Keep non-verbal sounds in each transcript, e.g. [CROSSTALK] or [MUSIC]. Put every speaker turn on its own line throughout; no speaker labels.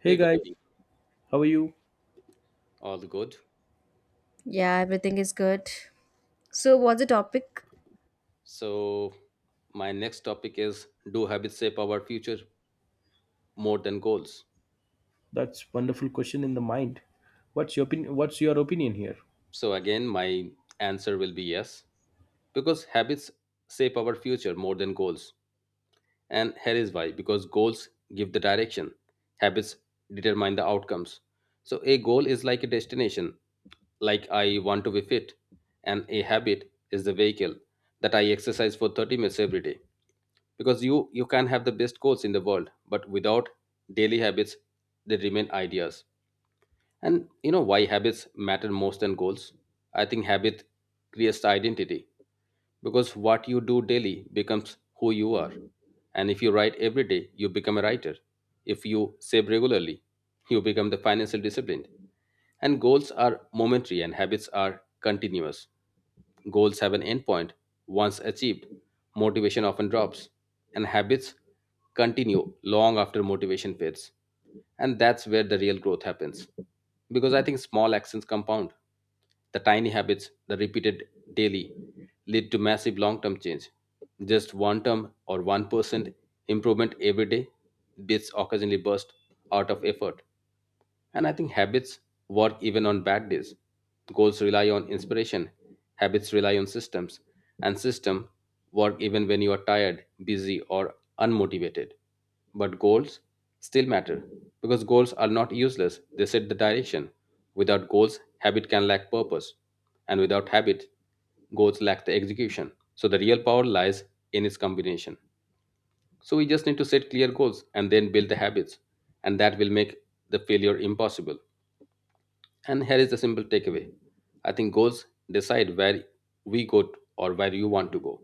Hey
Hey, good
guys,
evening.
how are you?
All good.
Yeah, everything is good. So, what's the topic?
So, my next topic is, do habits shape our future more than goals?
That's wonderful question in the mind. What's your opinion? What's your opinion here?
So, again, my answer will be yes, because habits shape our future more than goals. And here is why: because goals give the direction, habits determine the outcomes. So a goal is like a destination, like I want to be fit, and a habit is the vehicle that I exercise for 30 minutes every day. Because you can have the best goals in the world but without daily habits they remain ideas. And you know why habits matter most than goals? I think habit creates the identity, because what you do daily becomes who you are. And if you write every day you become a writer, if you save regularly you become the financial disciplined. And goals are momentary and habits are continuous. Goals have an endpoint. Once achieved, motivation often drops, and habits continue long after motivation fades. And that's where the real growth happens. Because I think small actions compound. The tiny habits, the repeated daily, lead to massive long term change. Just one term or 1% improvement every day, bits occasionally burst out of effort. And I think habits work even on bad days. Goals rely on inspiration, habits rely on systems, and system work even when you are tired, busy, or unmotivated. But goals still matter because goals are not useless, they set the direction. Without goals, habit can lack purpose, and without habit, goals lack the execution. So the real power lies in its combination. So we just need to set clear goals and then build the habits, and that will make the failure impossible. And here is the simple takeaway: I think goals decide where we go t- or where you want to go,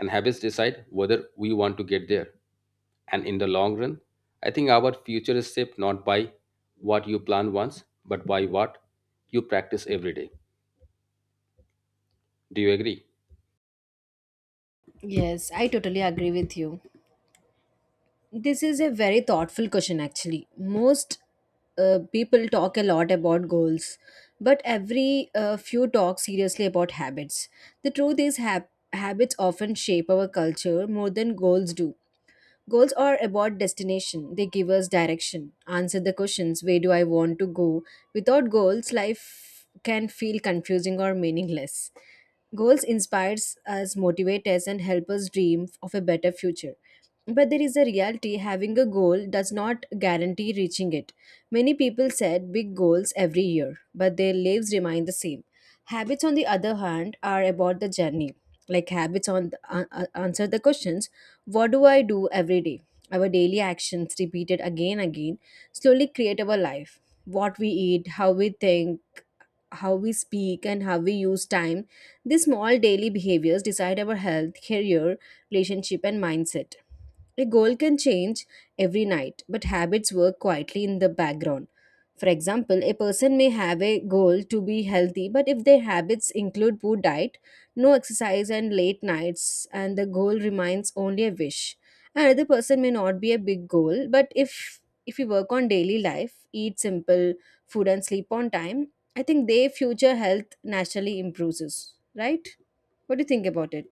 and habits decide whether we want to get there. And in the long run, I think our future is shaped not by what you plan once, but by what you practice every day. Do you agree?
Yes, I totally agree with you. This is a very thoughtful question, actually. Most people talk a lot about goals, but every few talk seriously about habits. The truth is, habits often shape our culture more than goals do. Goals are about destination. They give us direction. Answer the questions, where do I want to go? Without goals, life can feel confusing or meaningless. Goals inspires us, motivate us, and help us dream of a better future. But there is a reality, having a goal does not guarantee reaching it. Many people set big goals every year, but their lives remain the same. Habits, on the other hand, are about the journey. Like habits on the, answer the questions, what do I do every day? Our daily actions, repeated again and again, slowly create our life. What we eat, how we think, how we speak, and how we use time. These small daily behaviors decide our health, career, relationship, and mindset. A goal can change every night, but habits work quietly in the background. For example, a person may have a goal to be healthy, but if their habits include poor diet, no exercise, and late nights, and the goal remains only a wish. Another person may not be a big goal, but if we work on daily life, eat simple food and sleep on time, I think their future health naturally improves, right? What do you think about it?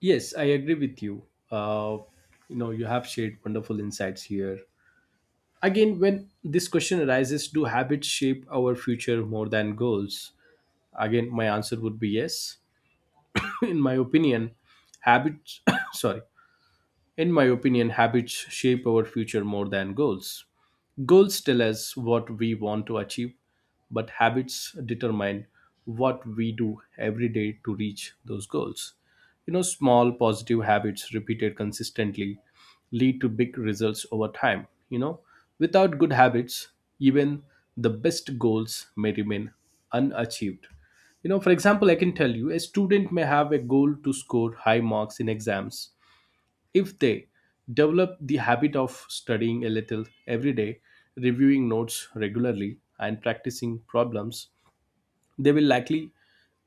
Yes, I agree with you. Uh, you have shared wonderful insights here. Again, when this question arises, do habits shape our future more than goals? Again, my answer would be yes. [LAUGHS] In my opinion, habits. [COUGHS] Sorry. In my opinion, habits shape our future more than goals. Goals tell us what we want to achieve, but habits determine what we do every day to reach those goals. You know, small positive habits repeated consistently lead to big results over time. You know, without good habits, even the best goals may remain unachieved. You know, for example, I can tell you a student may have a goal to score high marks in exams. If they develop the habit of studying a little every day, reviewing notes regularly, and practicing problems, they will likely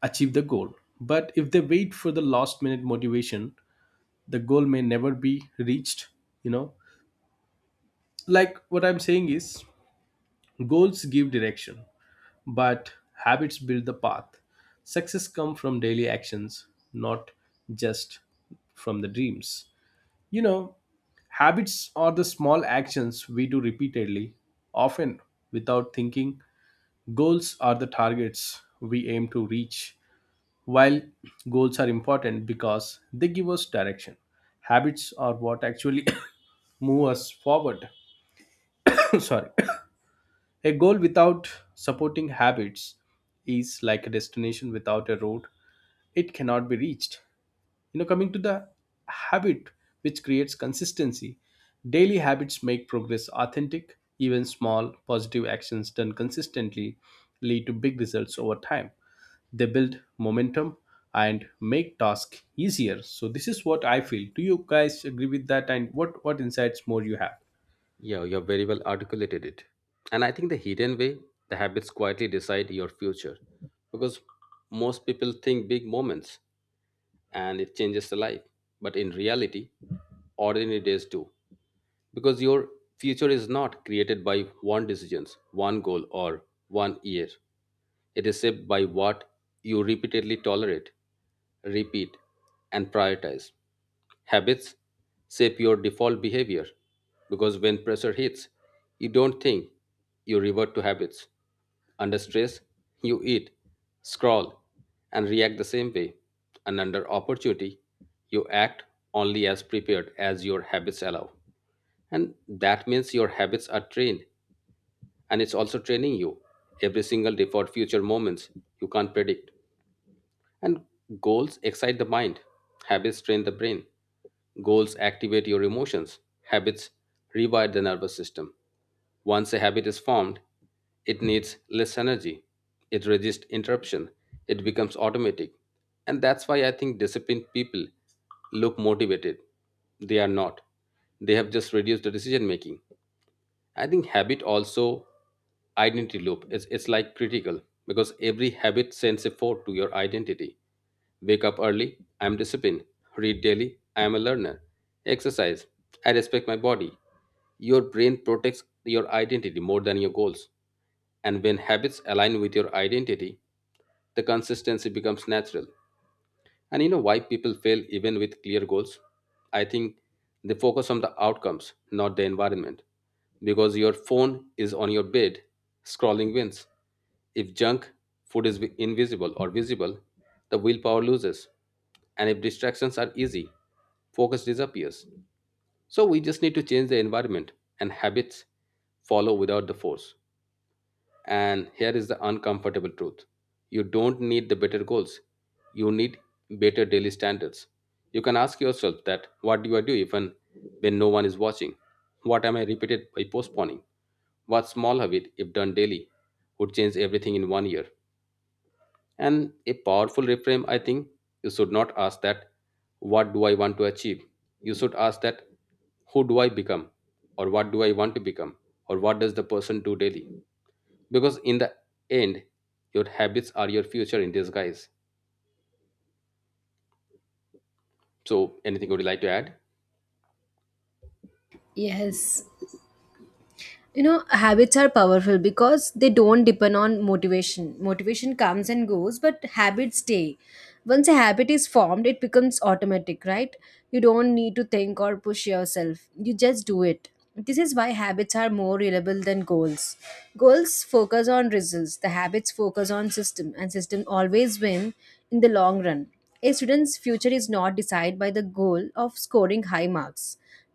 achieve the goal. But if they wait for the last minute motivation, the goal may never be reached. You know, like what I'm saying is goals give direction, but habits build the path. Success comes from daily actions, not just from the dreams. You know, habits are the small actions we do repeatedly, often without thinking. Goals are the targets we aim to reach. While goals are important because they give us direction, habits are what actually [COUGHS] move us forward. [COUGHS] Sorry. A goal without supporting habits is like a destination without a road. It cannot be reached. You know, coming to the habit which creates consistency, daily habits make progress authentic. Even small positive actions done consistently lead to big results over time. They build momentum and make tasks easier. So this is what I feel. Do you guys agree with that, and what insights more you have?
Yeah, you have very well articulated it. And I think the hidden way, the habits quietly decide your future, because most people think big moments and it changes the life. But in reality, ordinary days do, because your future is not created by one decisions, one goal, or one year. It is shaped by what you repeatedly tolerate, repeat, and prioritize. Habits shape your default behavior because when pressure hits, you don't think, you revert to habits. Under stress, you eat, scroll, and react the same way. And under opportunity, you act only as prepared as your habits allow. And that means your habits are trained and it's also training you every single day for future moments you can't predict. And goals excite the mind, habits train the brain. Goals activate your emotions, habits rewire the nervous system. Once a habit is formed, it needs less energy, it resists interruption, it becomes automatic. And that's why I think disciplined people look motivated. They are not. They have just reduced the decision making. I think habit also identity loop. It's like critical, because every habit sends a forth to your identity. Wake up early, I'm disciplined. Read daily, I'm a learner. Exercise, I respect my body. Your brain protects your identity more than your goals. And when habits align with your identity, the consistency becomes natural. And you know why people fail even with clear goals? I think they focus on the outcomes, not the environment. Because your phone is on your bed, scrolling wins. If junk food is invisible or visible, the willpower loses. And if distractions are easy, focus disappears. So we just need to change the environment and habits follow without the force. And here is the uncomfortable truth: you don't need the better goals, you need better daily standards. You can ask yourself that, what do I do even when no one is watching? What am I repeated by postponing? What small habit, if done daily, would change everything in one year? And a powerful reframe, I think, you should not ask that what do I want to achieve? You should ask that who do I become? Or what do I want to become? Or what does the person do daily? Because in the end your habits are your future in disguise. So anything would you like to add?
Yes, you know habits are powerful because they don't depend on motivation comes and goes but habits stay. Once a habit is formed it becomes automatic, right? You don't need to think or push yourself, you just do it. This is why habits are more reliable than goals. Goals focus on results, the habits focus on system, and system always win in the long run. A student's future is not decided by the goal of scoring high marks,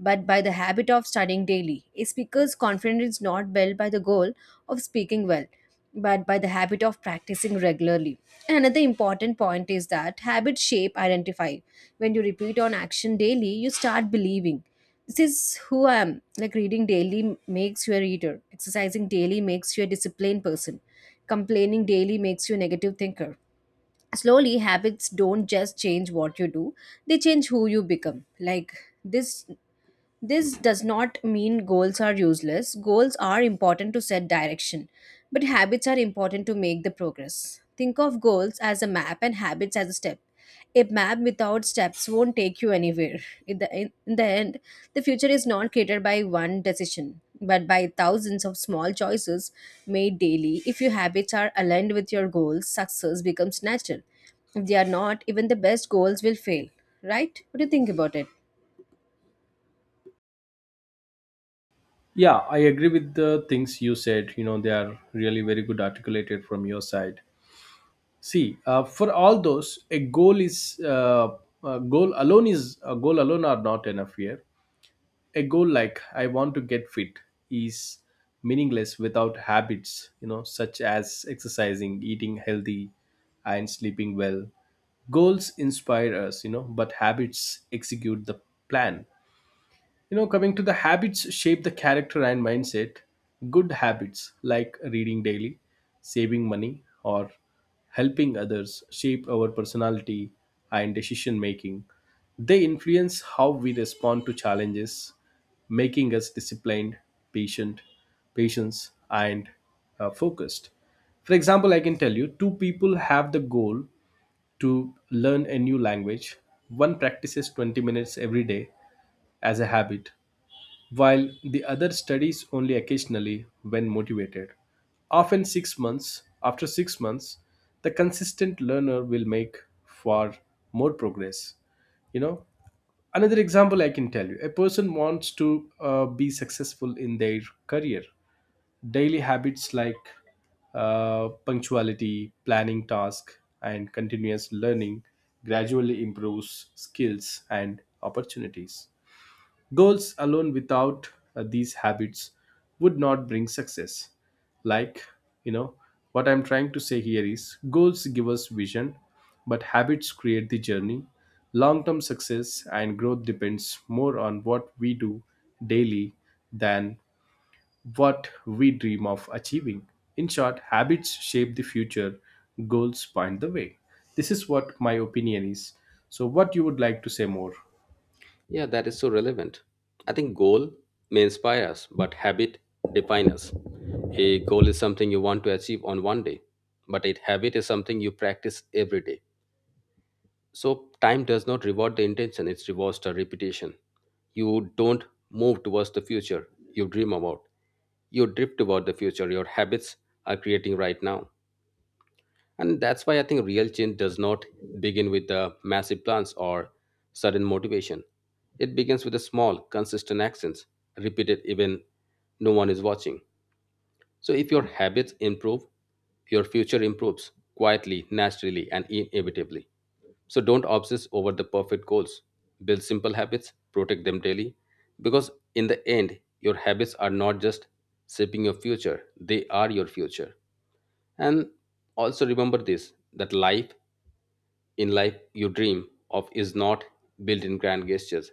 but by the habit of studying daily. A speaker's confidence is not built by the goal of speaking well, but by the habit of practicing regularly. Another important point is that habits shape identify. When you repeat on action daily, you start believing. This is who I am. Like reading daily makes you a reader. Exercising daily makes you a disciplined person. Complaining daily makes you a negative thinker. Slowly, habits don't just change what you do, they change who you become. Like this this does not mean goals are useless. Goals are important to set direction, but habits are important to make the progress. Think of goals as a map and habits as a step. A map without steps won't take you anywhere. In the end, the future is not created by one decision, but by thousands of small choices made daily. If your habits are aligned with your goals, success becomes natural. If they are not, even the best goals will fail. Right? What do you think about it?
Yeah, I agree with the things you said. You know, they are really very good articulated from your side. See, for all those, a goal is a goal alone is, a goal alone are not enough here. A goal like I want to get fit is meaningless without habits, you know, such as exercising, eating healthy, and sleeping well. Goals inspire us, you know, but habits execute the plan. You know, coming to the habits shape the character and mindset. Good habits like reading daily, saving money, or helping others shape our personality and decision making. They influence how we respond to challenges, making us disciplined, patient, patience, and focused. For example, I can tell you two people have the goal to learn a new language. One practices 20 minutes every day as a habit, while the other studies only occasionally when motivated. Often 6 months after 6 months, the consistent learner will make far more progress. You know, another example, I can tell you a person wants to be successful in their career. Daily habits like punctuality, planning task, and continuous learning gradually improves skills and opportunities. Goals alone without these habits would not bring success. Like, you know, what I'm trying to say here is goals give us vision, but habits create the journey. Long term success and growth depends more on what we do daily than what we dream of achieving. In short, habits shape the future, goals point the way. This is what my opinion is. So, what you would like to say more?
Yeah, that is so relevant. I think goal may inspire us but habit define us. A goal is something you want to achieve on one day, but a habit is something you practice every day. So time does not reward the intention, it rewards the repetition. You don't move towards the future you dream about, you drift toward the future your habits are creating right now. And that's why I think real change does not begin with the massive plans or sudden motivation. It begins with the small, consistent actions, repeated even no one is watching. So if your habits improve, your future improves quietly, naturally, and inevitably. So don't obsess over the perfect goals. Build simple habits, protect them daily, because in the end, your habits are not just shaping your future, they are your future. And also remember this, that life in life you dream of is not built in grand gestures,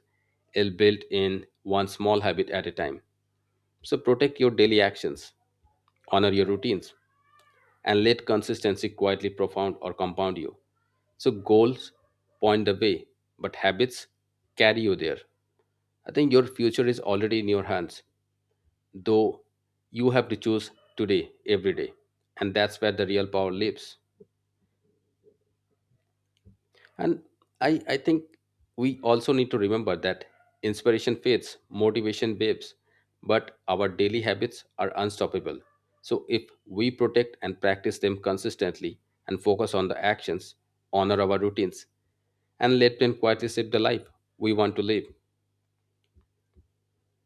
it's built in one small habit at a time. So protect your daily actions, honor your routines, and let consistency quietly profound or compound you. So goals point the way, but habits carry you there. I think your future is already in your hands, though you have to choose today, every day. And that's where the real power lives. And I think we also need to remember that inspiration fades, motivation waves, but our daily habits are unstoppable. So if we protect and practice them consistently and focus on the actions, honor our routines, and let them quietly shape the life we want to live.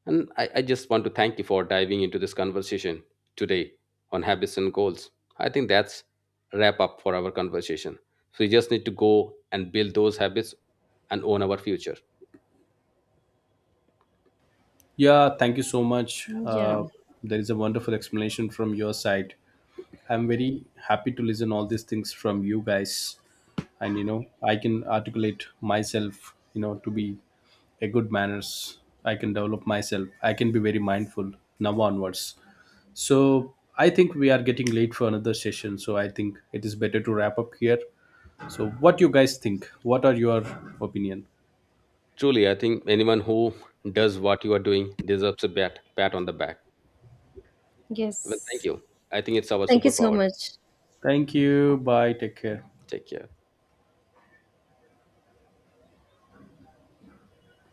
And I just want to thank you for diving into this conversation today on habits and goals. I think that's a wrap up for our conversation. So we just need to go and build those habits and own our future.
Yeah, thank you so much.
Yeah.
There is a wonderful explanation from your side. I'm very happy to listen all these things from you guys, and you know I can articulate myself. You know, to be a good manners. I can develop myself. I can be very mindful now onwards. So I think we are getting late for another session. So I think it is better to wrap up here. So what you guys think? What are your opinion?
Truly, I think anyone who does what you are doing deserves a pat on the back. Well, thank
Yes.
you. I think it's our
Thank you so
superpower.
much.
Thank you. Bye. Take care.
Take care.